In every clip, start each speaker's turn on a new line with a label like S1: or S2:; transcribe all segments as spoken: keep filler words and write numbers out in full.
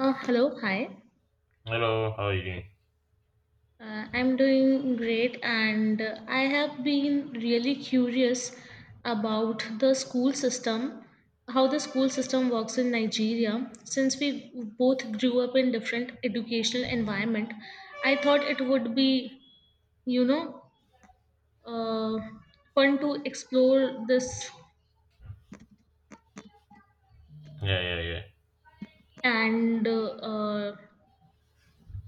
S1: Uh, hello, hi.
S2: Hello, how are you doing?
S1: Uh, I'm doing great, and uh, I have been really curious about the school system, how the school system works in Nigeria. Since we both grew up in different educational environment, I thought it would be, you know, uh, fun to explore this.
S2: Yeah, yeah, yeah.
S1: And uh, uh,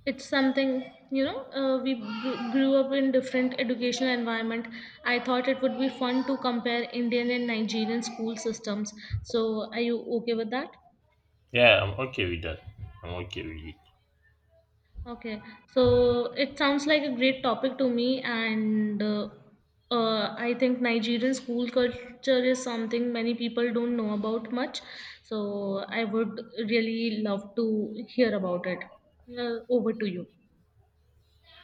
S1: it's something. you know uh, we gr- grew up in different educational environment. I thought it would be fun to compare Indian and Nigerian school systems. So are you okay with that?
S2: Yeah, I'm okay with that. I'm okay with it.
S1: Okay, so it sounds like a great topic to me. And uh, uh, I think Nigerian school culture is something many people don't know about much. So I would really love to hear about it. Uh, over to you.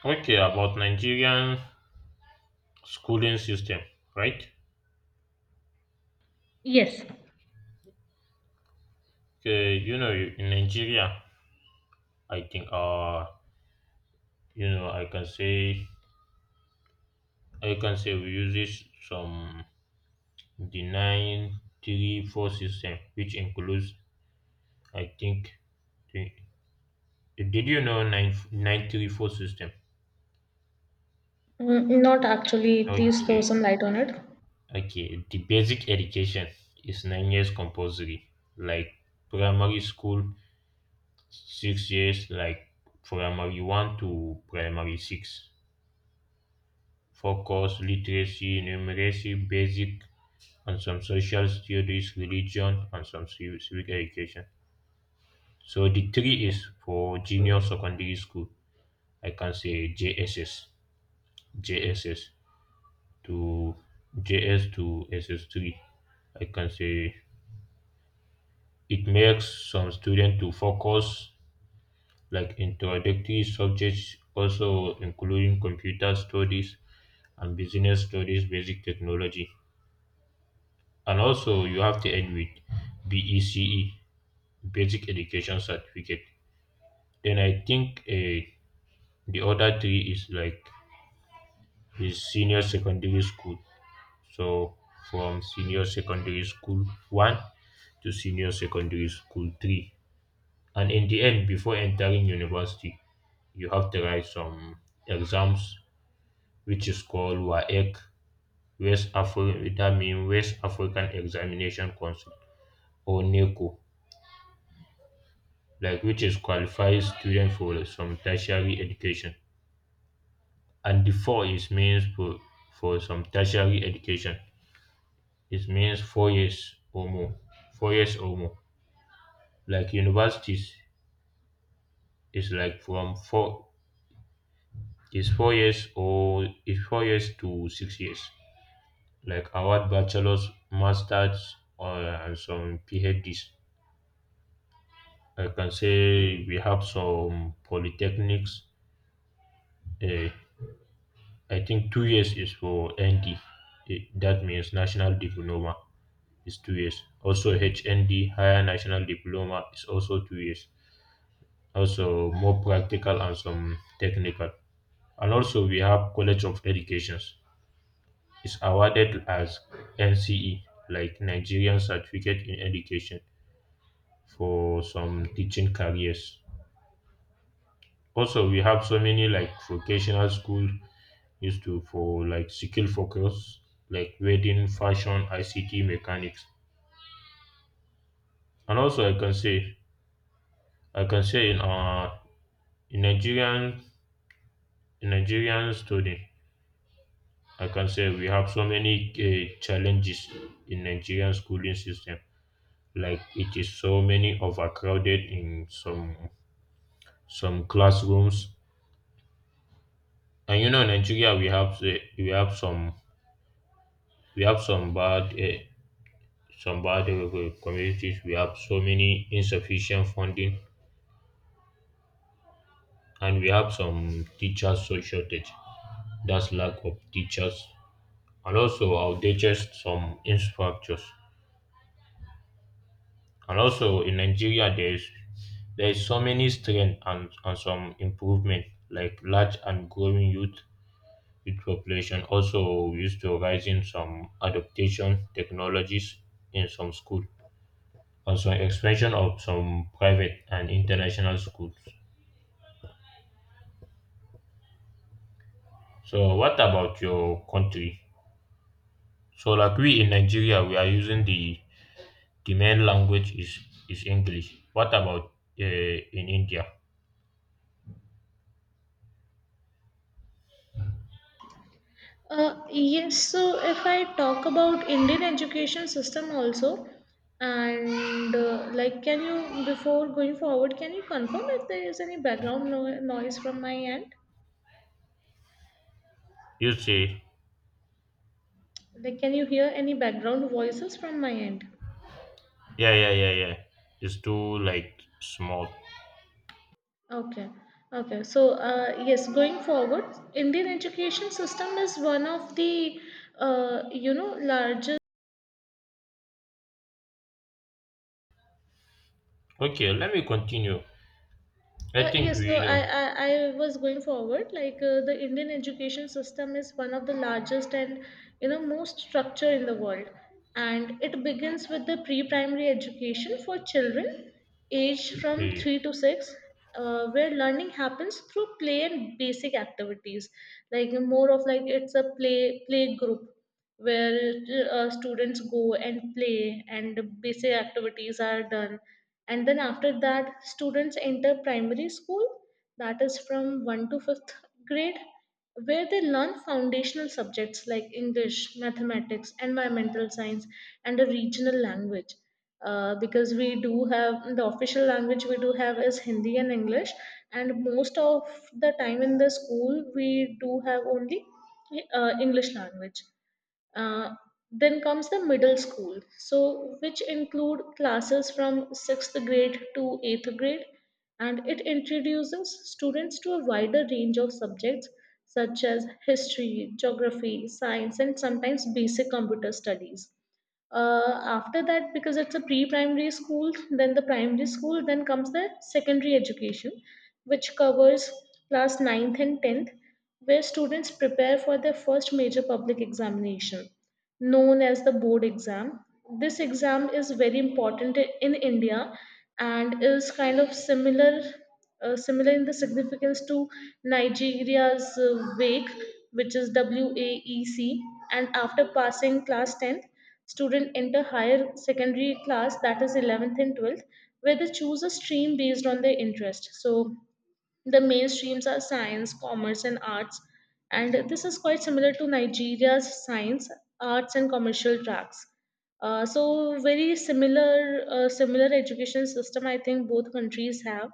S2: Okay, about Nigerian schooling system, right?
S1: Yes.
S2: Okay, you know, in Nigeria, I think, uh, you know, I can say, I can say we use this some the nine three four system, which includes, I think, the, did you know nine nine three four system?
S1: Mm, Not actually. Please throw some
S2: Okay.
S1: light on it.
S2: Okay, the basic education is nine years compulsory, like primary school, six years, like primary one to primary six. Focus, literacy, numeracy, basic, and some social studies, religion, and some civ- civic education. So the three is for junior secondary school. I can say J S S J S S to J S to S S three. I can say it makes some students to focus, like introductory subjects, also including computer studies and business studies, basic technology. And also you have to end with B E C E, basic education certificate. Then I think, uh, the other three is, like, is senior secondary school. So from senior secondary school one to senior secondary school three. And in the end, before entering university, you have to write some exams, which is called WAEC, West, African, that means West African Examination Council, or NECO, like, which is qualifies students for some tertiary education. And the four is means for, for some tertiary education. It means four years or more. Four years or more. Like universities is like from four is four years or is four years to six years, like award bachelors, masters, or and some PhDs. I can say we have some polytechnics. Uh, I think two years is for N D. Eh, That means national diploma is two years. Also H N D, higher national diploma, is also two years. Also more practical and some technical. And also we have College of Educations. It's awarded as N C E, like Nigerian Certificate in Education, for some teaching careers. Also, we have so many like vocational school used to for like skill focus, like wedding, fashion, I C T, mechanics, and also I can say I can say in uh in Nigerian, in Nigerian studying, I can say we have so many uh, challenges in Nigerian schooling system. Like it is so many overcrowded in some some classrooms, and you know, in Nigeria we have, uh, we have some we have some bad, uh, some bad uh, uh, communities. We have so many insufficient funding, and we have some teachers so shortage, that's lack of teachers, and also outdated some infrastructures. And also in Nigeria there is, there is so many strength, and, and some improvement, like large and growing youth, youth population. Also we used to rise in some adaptation technologies in some school, also expansion of some private and international schools. So, what about your country? So, like we in Nigeria, we are using the, the main language is, is English. What about, uh, in India?
S1: Uh, yes, so if I talk about Indian education system also, and uh, like, can you before going forward, can you confirm if there is any background no- noise from my end?
S2: You say,
S1: Like, can you hear any background voices from my end?
S2: yeah, yeah, yeah, yeah. It's too like small.
S1: Okay, okay. So uh, yes, going forward, Indian education system is one of the uh, you know largest.
S2: Okay, let me continue. I
S1: Uh,
S2: think
S1: yes, so
S2: we
S1: I,
S2: know.
S1: I, I was going forward. Like uh, the Indian education system is one of the largest and you know most structured in the world, and it begins with the pre-primary education for children aged from
S2: Okay.
S1: three to six, uh, where learning happens through play and basic activities, like more of like it's a play play group where uh, students go and play and basic activities are done. And then after that students enter primary school, that is from first to fifth grade, where they learn foundational subjects like English, mathematics, environmental science, and a regional language. Uh, because we do have the official language we do have is Hindi and English. And most of the time in the school we do have only uh, English language. uh, then comes the middle school, so which include classes from sixth grade to eighth grade, and it introduces students to a wider range of subjects such as history, geography, science, and sometimes basic computer studies. Uh, after that, because it's a pre-primary school, then the primary school, then comes the secondary education, which covers class ninth and tenth, where students prepare for their first major public examination known as the board exam. This exam is very important in India and is kind of similar uh, similar in the significance to Nigeria's uh, WAEC, which is WAEC. And after passing class tenth, student enter higher secondary class, that is eleventh and twelfth, where they choose a stream based on their interest. So the main streams are science, commerce, and arts, and this is quite similar to Nigeria's science, arts, and commercial tracks. Uh, so very similar uh, similar education system I think both countries have,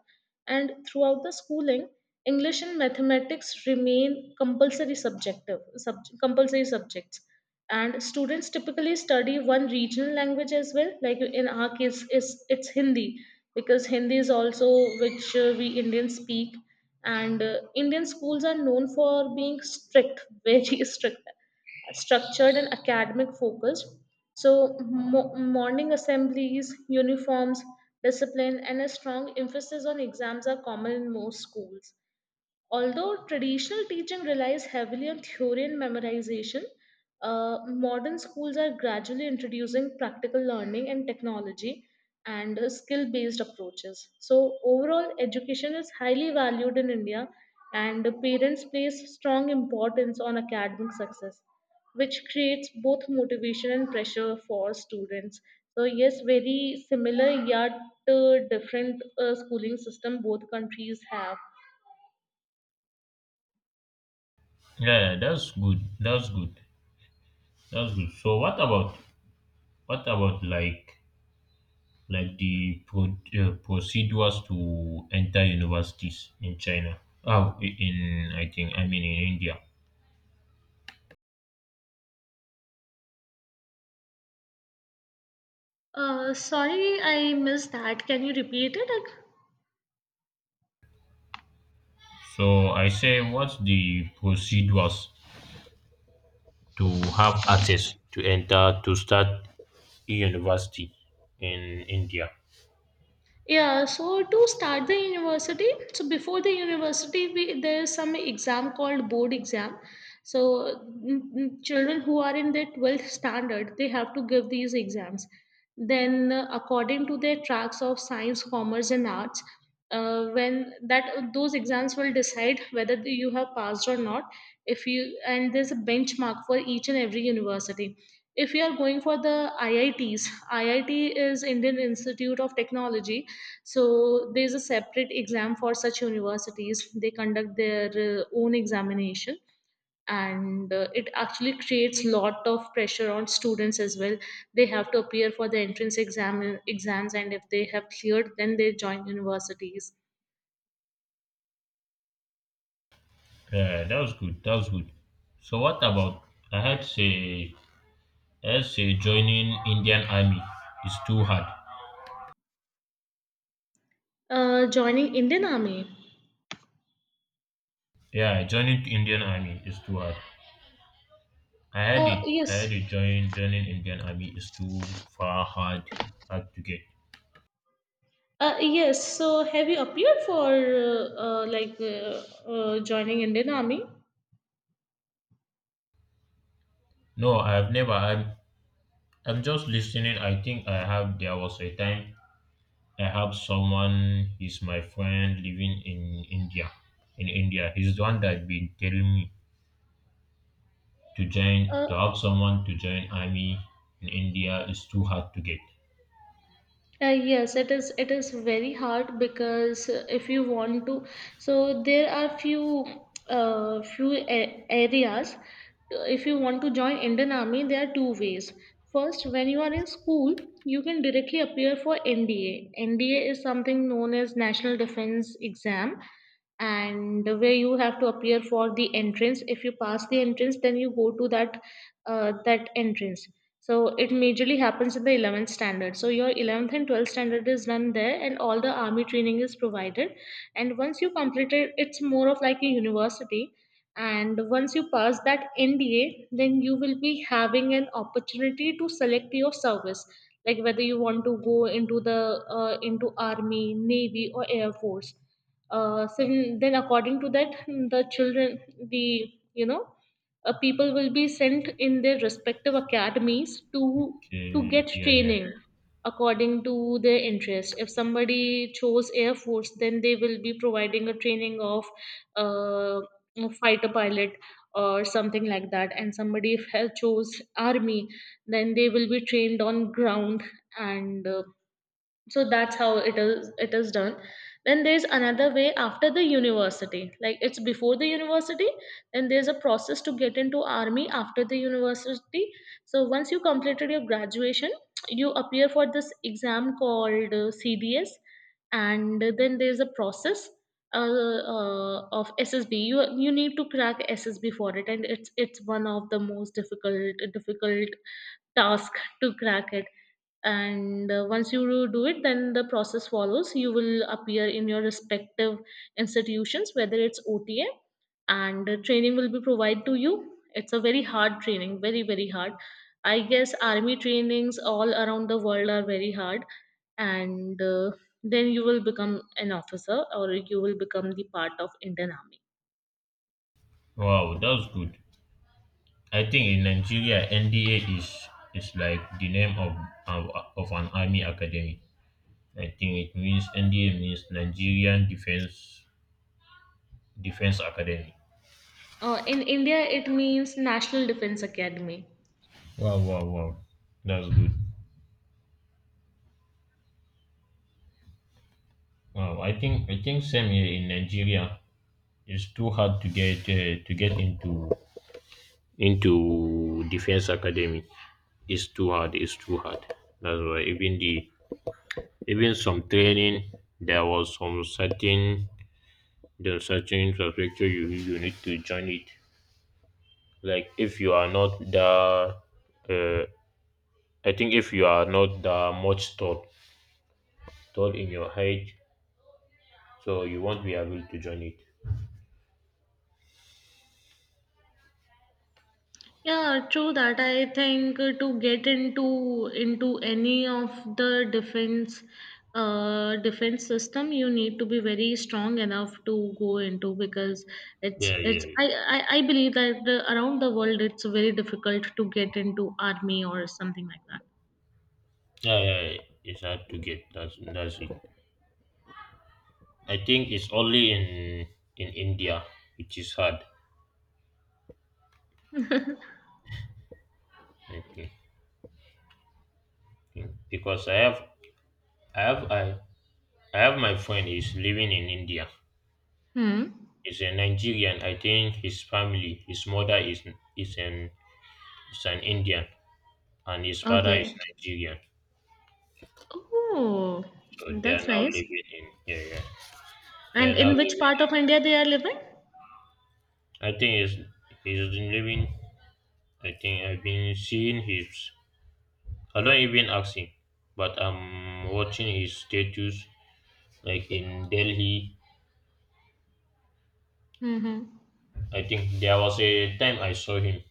S1: and throughout the schooling, English and mathematics remain compulsory subjective sub, compulsory subjects, and students typically study one regional language as well. Like in our case, is it's Hindi, because Hindi is also which uh, we Indians speak, and uh, Indian schools are known for being strict, very strict, structured and academic focused. So mo- morning assemblies, uniforms, discipline, and a strong emphasis on exams are common in most schools. Although traditional teaching relies heavily on theory and memorization, uh, modern schools are gradually introducing practical learning and technology and skill based approaches. So, overall, education is highly valued in India, and parents place strong importance on academic success, which creates both motivation and pressure for students. So, yes, very similar yet uh, different uh, schooling system both countries have.
S2: Yeah, that's good. That's good. That's good. So, what about, what about like, like the pro- uh, procedures to enter universities in China. Oh, I- in I think I mean in India.
S1: Uh, sorry, I missed that. Can you repeat it?
S2: So I say, what's the procedures to have access to enter to start a university in India?
S1: Yeah, so to start the university, so before the university, we, there is some exam called board exam. So mm, mm, children who are in their twelfth standard, they have to give these exams. Then, uh, according to their tracks of science, commerce, and arts, uh, when that those exams will decide whether you have passed or not. If you And there's a benchmark for each and every university. If you are going for the I I Ts, I I T is Indian Institute of Technology, so there is a separate exam for such universities. They conduct their uh, own examination, and uh, it actually creates lot of pressure on students as well. They have to appear for the entrance exam exams, and if they have cleared, then they join universities.
S2: Yeah, that was good. That was good. So what about, I had say I had say joining Indian Army is too hard.
S1: Uh, joining Indian Army.
S2: Yeah, joining Indian Army is too hard. I had
S1: Uh,
S2: it. I
S1: yes.
S2: had it. Join, joining Indian Army is too far hard, hard to get.
S1: Uh, yes. So have you appeared for uh, uh, like uh, uh, joining Indian Army?
S2: No, I've never. I'm. I'm just listening. I think I have. There was a time I have someone. He's my friend living in India. In India, he's the one that been telling me to join.
S1: Uh,
S2: To have someone to join army in India is too hard to get.
S1: Uh, yes, it is. It is very hard because uh, if you want to, so there are few uh, few a- areas. Uh, If you want to join Indian Army, there are two ways. First, when you are in school, you can directly appear for N D A. N D A is something known as National Defense Exam, and where you have to appear for the entrance. If you pass the entrance, then you go to that uh, that entrance. So it majorly happens in the eleventh standard, so your eleventh and twelfth standard is done there, and all the army training is provided. And once you complete it, it's more of like a university. And once you pass that N D A, then you will be having an opportunity to select your service, like whether you want to go into the uh, into army, navy, or air force. Uh, so then then, according to that, the children the you know uh, people will be sent in their respective academies to to
S2: Okay.
S1: get
S2: Yeah. Yeah.
S1: training
S2: Yeah.
S1: according to their interest. If somebody chose air force, then they will be providing a training of uh, a fighter pilot or something like that. And somebody if has chose army, then they will be trained on ground. And uh, so that's how it is it is done. Then there's another way after the university, like it's before the university. Then there's a process to get into army after the university. So once you completed your graduation, you appear for this exam called uh, C D S. And then there's a process uh, uh, of S S B. you you need to crack S S B for it. And it's it's one of the most difficult difficult task to crack it. And uh, once you do it, then the process follows. You will appear in your respective institutions, whether it's O T A. and uh, training will be provided to you. It's a very hard training, very very hard. I guess army trainings all around the world are very hard. And uh, then you will become an officer or you will become the part of Indian Army.
S2: Wow, that's good. I think in Nigeria, N D A is, is like the name of, of, of an army academy. I think it means N D A means Nigerian Defense, Defense Academy.
S1: Uh, in india it means National Defense Academy.
S2: Wow, wow, wow, that's good. Wow, I think, I think same here in Nigeria. It's too hard to get, uh, to get into, into defense academy. It's too hard. It's too hard. That's why, even the, even some training there was some certain, there are certain infrastructure you, you need to join it. Like if you are not that, uh, I think if you are not that much tall, tall in your height, so you won't be able to join it.
S1: Yeah, true that. I think uh, to get into into any of the defense uh defense system you need to be very strong enough to go into, because it's
S2: Yeah,
S1: it's
S2: yeah,
S1: I I, I believe that uh, around the world it's very difficult to get into army or something like that.
S2: yeah, yeah, yeah. It's hard to get. That's that's it. I think it's only in, in India which is hard. I think. think. Because I have, I have I, I have my friend is living in India.
S1: Hmm.
S2: He's a Nigerian. I think his family, his mother is, is an is an Indian, and his father is
S1: Okay.
S2: Nigerian.
S1: Oh,
S2: So they are
S1: that's
S2: now
S1: nice.
S2: living in, yeah, yeah. They
S1: And
S2: are now
S1: in
S2: living.
S1: which part of India they are living?
S2: I think he's, he's been living. I think I've been seeing his. I don't even ask him, but I'm watching his status like in Delhi.
S1: Mm-hmm.
S2: I think there was a time I saw him.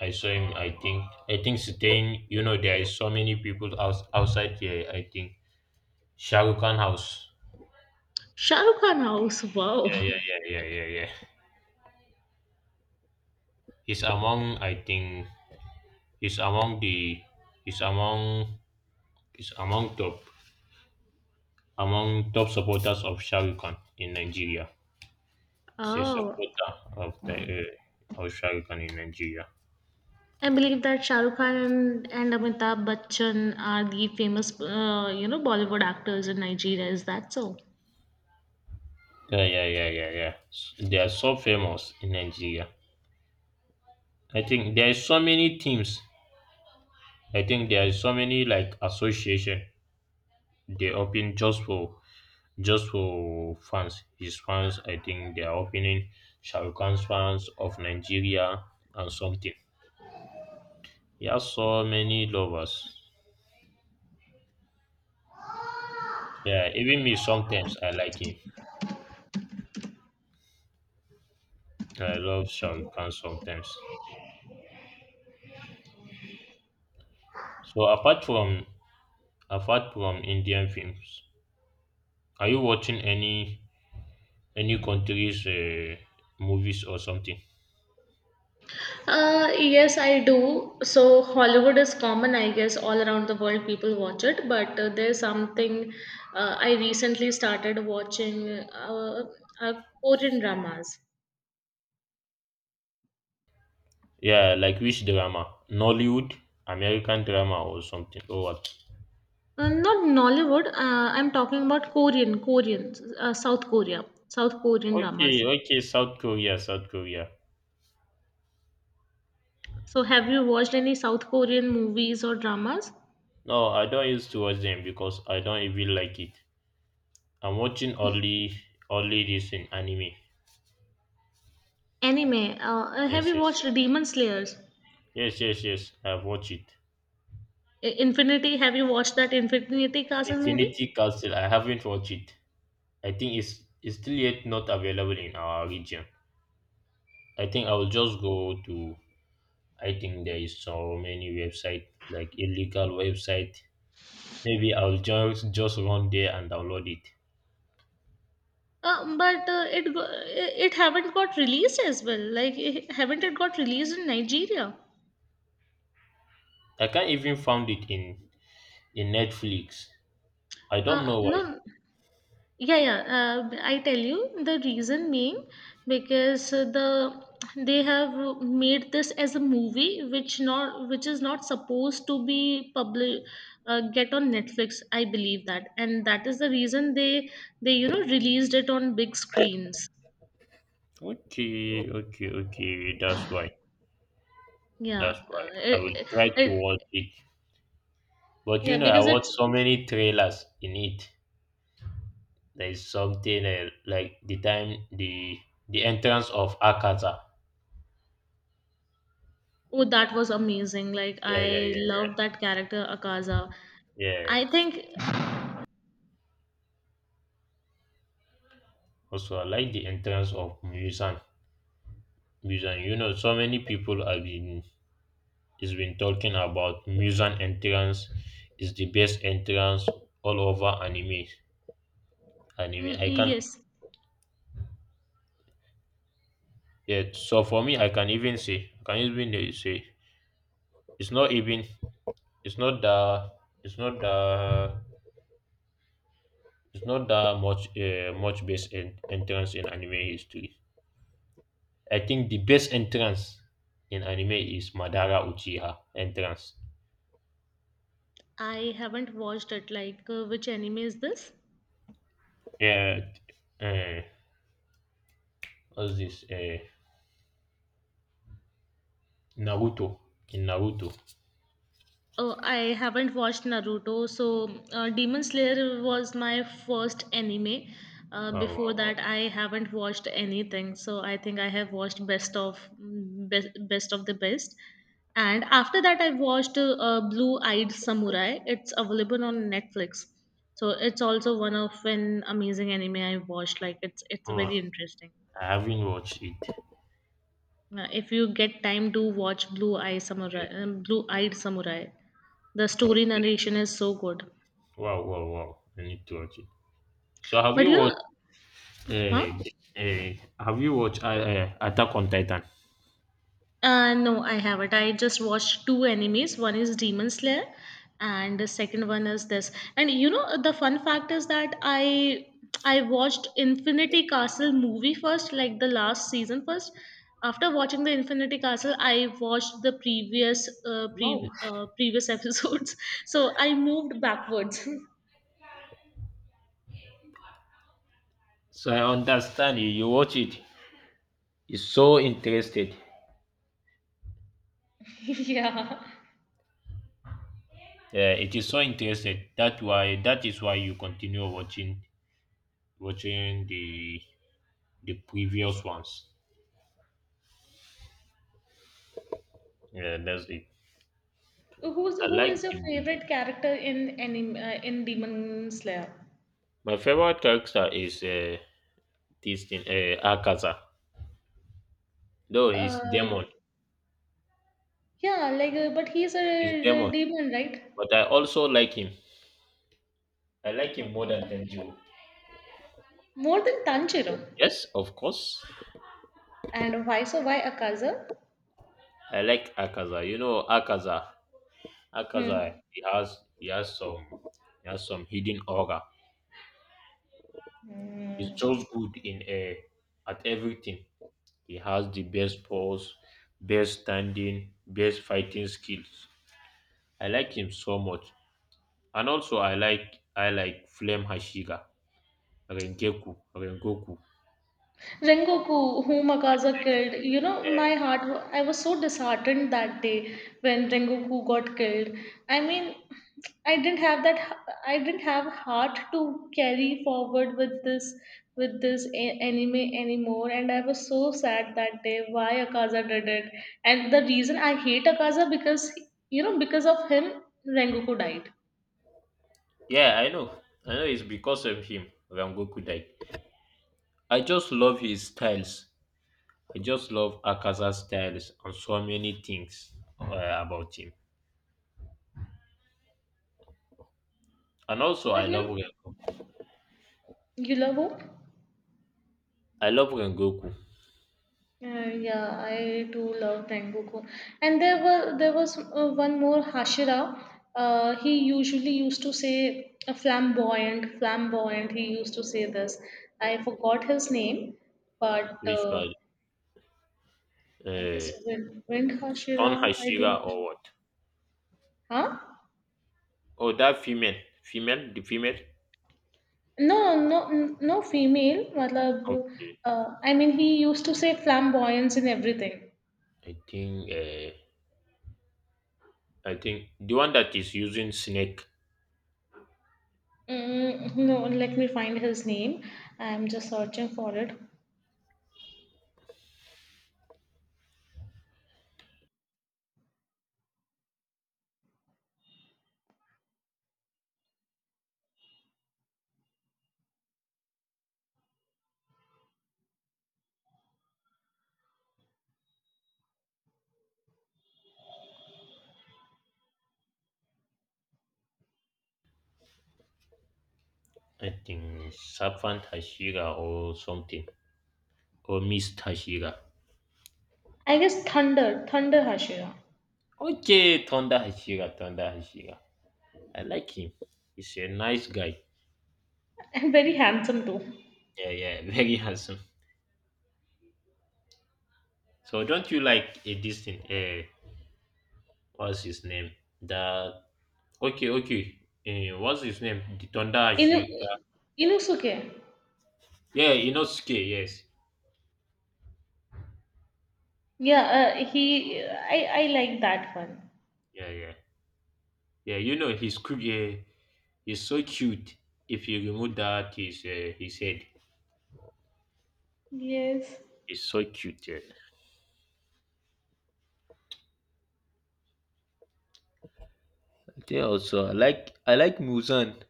S2: I saw him. I think, I think staying. You know there is so many people out, outside here. I think Shahrukh Khan house.
S1: Shahrukh Khan house. Wow.
S2: Yeah, yeah, yeah, yeah, yeah, yeah. He's among, I think, is among the is among is among top, among top supporters of Shah Rukh Khan in Nigeria. He's a
S1: Oh.
S2: supporter of the, uh, of Shah Rukh Khan in Nigeria.
S1: I believe that Shah Rukh Khan and, and Amitabh Bachchan are the famous, uh, you know, Bollywood actors in Nigeria. Is that so?
S2: Yeah, yeah, yeah, yeah, yeah. S- They are so famous in Nigeria. I think there are so many teams. I think there are so many like association they open just for, just for fans. His fans, I think they are opening Shah Rukh Khan's fans of Nigeria and something. He has so many lovers. Yeah, even me sometimes I like him. I love Shahrukh Khan sometimes. So apart from, apart from Indian films, are you watching any any countries, uh, movies or something?
S1: Uh, yes, I do. So Hollywood is common, I guess, all around the world. People watch it, but uh, there's something. uh, I recently started watching uh, uh, Korean dramas.
S2: Yeah, like which drama? Nollywood, American drama or something, or what?
S1: Uh, not Nollywood. Uh, I'm talking about Korean, Korean, uh, South Korea, South Korean dramas.
S2: Okay, okay, South Korea, South Korea.
S1: So have you watched any South Korean movies or dramas?
S2: No, I don't used to watch them because I don't even like it. I'm watching only, only this in anime.
S1: Anime. Uh, uh, have
S2: Yes,
S1: you
S2: yes,
S1: watched
S2: yes.
S1: Demon Slayers?
S2: Yes, yes, yes. I've watched it.
S1: I- Infinity. Have you watched that Infinity Castle movie?
S2: Infinity Castle. I haven't watched it. I think it's, it's still yet not available in our region. I think I will just go to. I think there is so many website, like illegal website. Maybe I'll just, just run there and download it.
S1: Uh, but uh, it go- it it haven't got released as well. Like it, haven't it got released in Nigeria?
S2: I can't even found it in, in Netflix. I don't
S1: Uh,
S2: know why.
S1: no. Yeah, yeah. Uh, I tell you the reason being because uh, the they have made this as a movie which not which is not supposed to be public uh, get on Netflix. I believe that, and that is the reason they they you know released it on big screens.
S2: Okay, okay, okay. That's why.
S1: Yeah,
S2: That's
S1: uh,
S2: why. I will
S1: it,
S2: try to
S1: it,
S2: watch it. But you
S1: yeah,
S2: know, I
S1: because
S2: watched
S1: it's
S2: so many trailers in it. There is something, uh, like the time the, the entrance of Akata.
S1: oh, that was amazing. Like
S2: Yeah, yeah, yeah,
S1: I loved
S2: yeah,
S1: that character Akaza.
S2: yeah.
S1: I think
S2: Also, I like the entrance of Musan. Musan, you know, so many people have been, has been talking about Musan entrance is the best entrance all over anime.
S1: mm,
S2: Anime, I can,
S1: yes,
S2: yeah. So for me, I can even say, I can even say, it's not even, it's not the, it's not the it's not that much, uh, much best en- entrance in anime history. I think the best entrance in anime is Madara Uchiha entrance.
S1: I haven't watched it. Like, uh, which anime is this?
S2: Uh, uh, what's this? Uh, Naruto, in Naruto.
S1: Oh, I haven't watched Naruto. So, uh, Demon Slayer was my first anime. Uh,
S2: Wow,
S1: before
S2: wow,
S1: that,
S2: wow.
S1: I haven't watched anything. So, I think I have watched Best of Best, best of the Best. And after that, I watched uh, uh, Blue Eyed Samurai. It's available on Netflix. So, it's also one of an amazing anime I watched. Like, it's it's
S2: Oh,
S1: very interesting.
S2: I haven't watched it.
S1: Uh, if you get time do watch blue eye samurai
S2: Eh,
S1: um, blue eyed samurai. The story
S2: Okay.
S1: narration is so good.
S2: Wow, wow, wow. I need to watch it. So have
S1: But
S2: you
S1: you know,
S2: watched? Uh,
S1: huh?
S2: uh, have you watched, uh, uh, Attack on Titan?
S1: Uh, no, I haven't. I just watched two animes, one is Demon Slayer and the second one is this. And you know the fun fact is that i i watched Infinity Castle movie first, like the last season first. After watching the Infinity Castle i watched the previous uh,
S2: Wow.
S1: pre- uh, previous episodes so I moved backwards
S2: So I understand you. You watch it. You're so interested.
S1: Yeah.
S2: Yeah, it is so interesting. That why that is why you continue watching, watching the the previous ones. Yeah, that's it.
S1: Who's
S2: I
S1: who
S2: like
S1: is your
S2: the movie.
S1: favorite character in anim, uh, in Demon Slayer?
S2: My favorite character is, uh, this thing, uh, Akaza. Though he's
S1: Uh,
S2: demon,
S1: yeah, like, uh, but he's
S2: he's
S1: a, a
S2: demon.
S1: demon, right?
S2: But I also like him. I like him more than
S1: Okay.
S2: Tenjiro.
S1: More than Tanjiro.
S2: Yes, of course.
S1: And why so? Why Akaza?
S2: I like Akaza. You know Akaza.
S1: Hmm.
S2: Akaza he has, he has some he has some hidden aura. He's just good in, uh, at everything. He has the best pose, best standing, best fighting skills. I like him so much. And also I like I like Flame Hashiga, Rengeku, Rengoku.
S1: Rengoku, whom Akaza killed. You know,
S2: Eh,
S1: my heart, wa- I was so disheartened that day when Rengoku got killed. I mean, I didn't have that, h- I didn't have heart to carry forward with this, with this a- anime anymore. And I was so sad that day why Akaza did it. And the reason I hate Akaza because, you know, because of him, Rengoku died.
S2: Yeah, I know. I know it's because of him Rengoku died. I just love his styles. I just love Akaza's styles and so many things, uh, about him. And also
S1: But
S2: I
S1: you
S2: love
S1: know,
S2: Rengoku.
S1: you love who?
S2: I love Rengoku.
S1: Uh, yeah, I do love Tengoku. And there were there was uh, one more Hashira. Uh, he usually used to say a flamboyant, flamboyant. He used to say this. I forgot his name, but
S2: Which
S1: uh,
S2: was,
S1: I guess
S2: uh,
S1: wind, wind
S2: Stone
S1: Hashira. I do not.
S2: Hashira or what?
S1: Huh?
S2: Oh, that female, female, the female.
S1: No, no, no, no female. Matlab,
S2: Okay.
S1: uh, I mean, he used to say flamboyance in everything.
S2: I think. Uh, I think the one that is using snake.
S1: Mm, no, let me find his name. I'm just searching for it.
S2: I think serpent Hashira or something, or Miss Hashira.
S1: I guess Thunder, Thunder Hashira,
S2: Okay, Thunder Hashira, Thunder Hashira. I like him. He's a nice guy.
S1: and very handsome too.
S2: Yeah, yeah, very handsome. So don't you like a distant? Uh, what's his name? The, okay, okay. Uh, what's his name? The Thunder
S1: Inu,
S2: Hashira.
S1: Inusuke.
S2: Yeah, Inosuke. Yes.
S1: Yeah, uh, he. I I like that one.
S2: Yeah, yeah. Yeah, you know he's cu- yeah, he's so cute. If you remove that his, uh, his head,
S1: Yes.
S2: he's so cute. Yeah. I think also I like I like Muzan.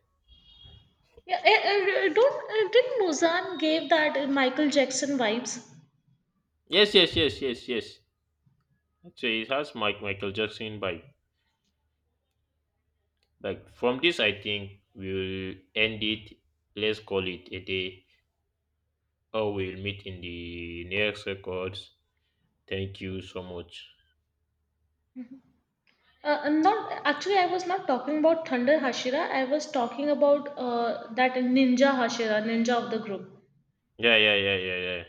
S1: Yeah. eh, eh, don't eh, Didn't Muzan gave that uh, Michael Jackson vibes?
S2: Yes, yes, yes, yes, yes. So it has Mike Michael Jackson by, like from this I think we'll end it. Let's call it a day. Or we'll meet in the next records. Thank you so much.
S1: Uh, not actually. I was not talking about Thunder Hashira. I was talking about uh, that Ninja Hashira, Ninja of the group,
S2: Yeah, yeah, yeah, yeah, yeah.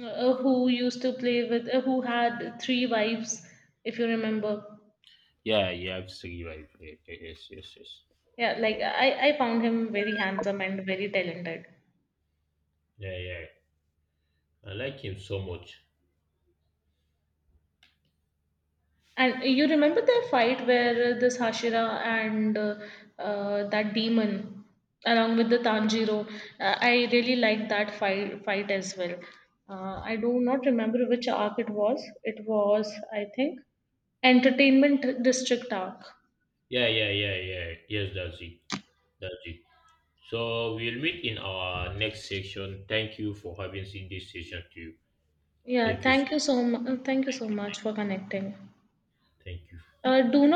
S1: uh, who used to play with, uh, who had three wives, if you remember.
S2: Yeah, you have to survive. Yes, yes, yes, yes.
S1: Yeah, like I, I found him very handsome and very talented.
S2: Yeah, yeah. I like him so much.
S1: And you remember the fight where this Hashira and uh, uh, that demon, along with the Tanjiro, uh, I really liked that fight fight as well. Uh, I do not remember which arc it was. It was, I think, Entertainment District arc.
S2: Yeah, yeah, yeah, yeah. Yes, that's it. That's it. So we'll meet in our next section. Thank you for having seen this session too.
S1: Yeah,
S2: Thank you
S1: thank
S2: so.
S1: you so much. Thank you so much for connecting.
S2: Thank you.
S1: Uh, do not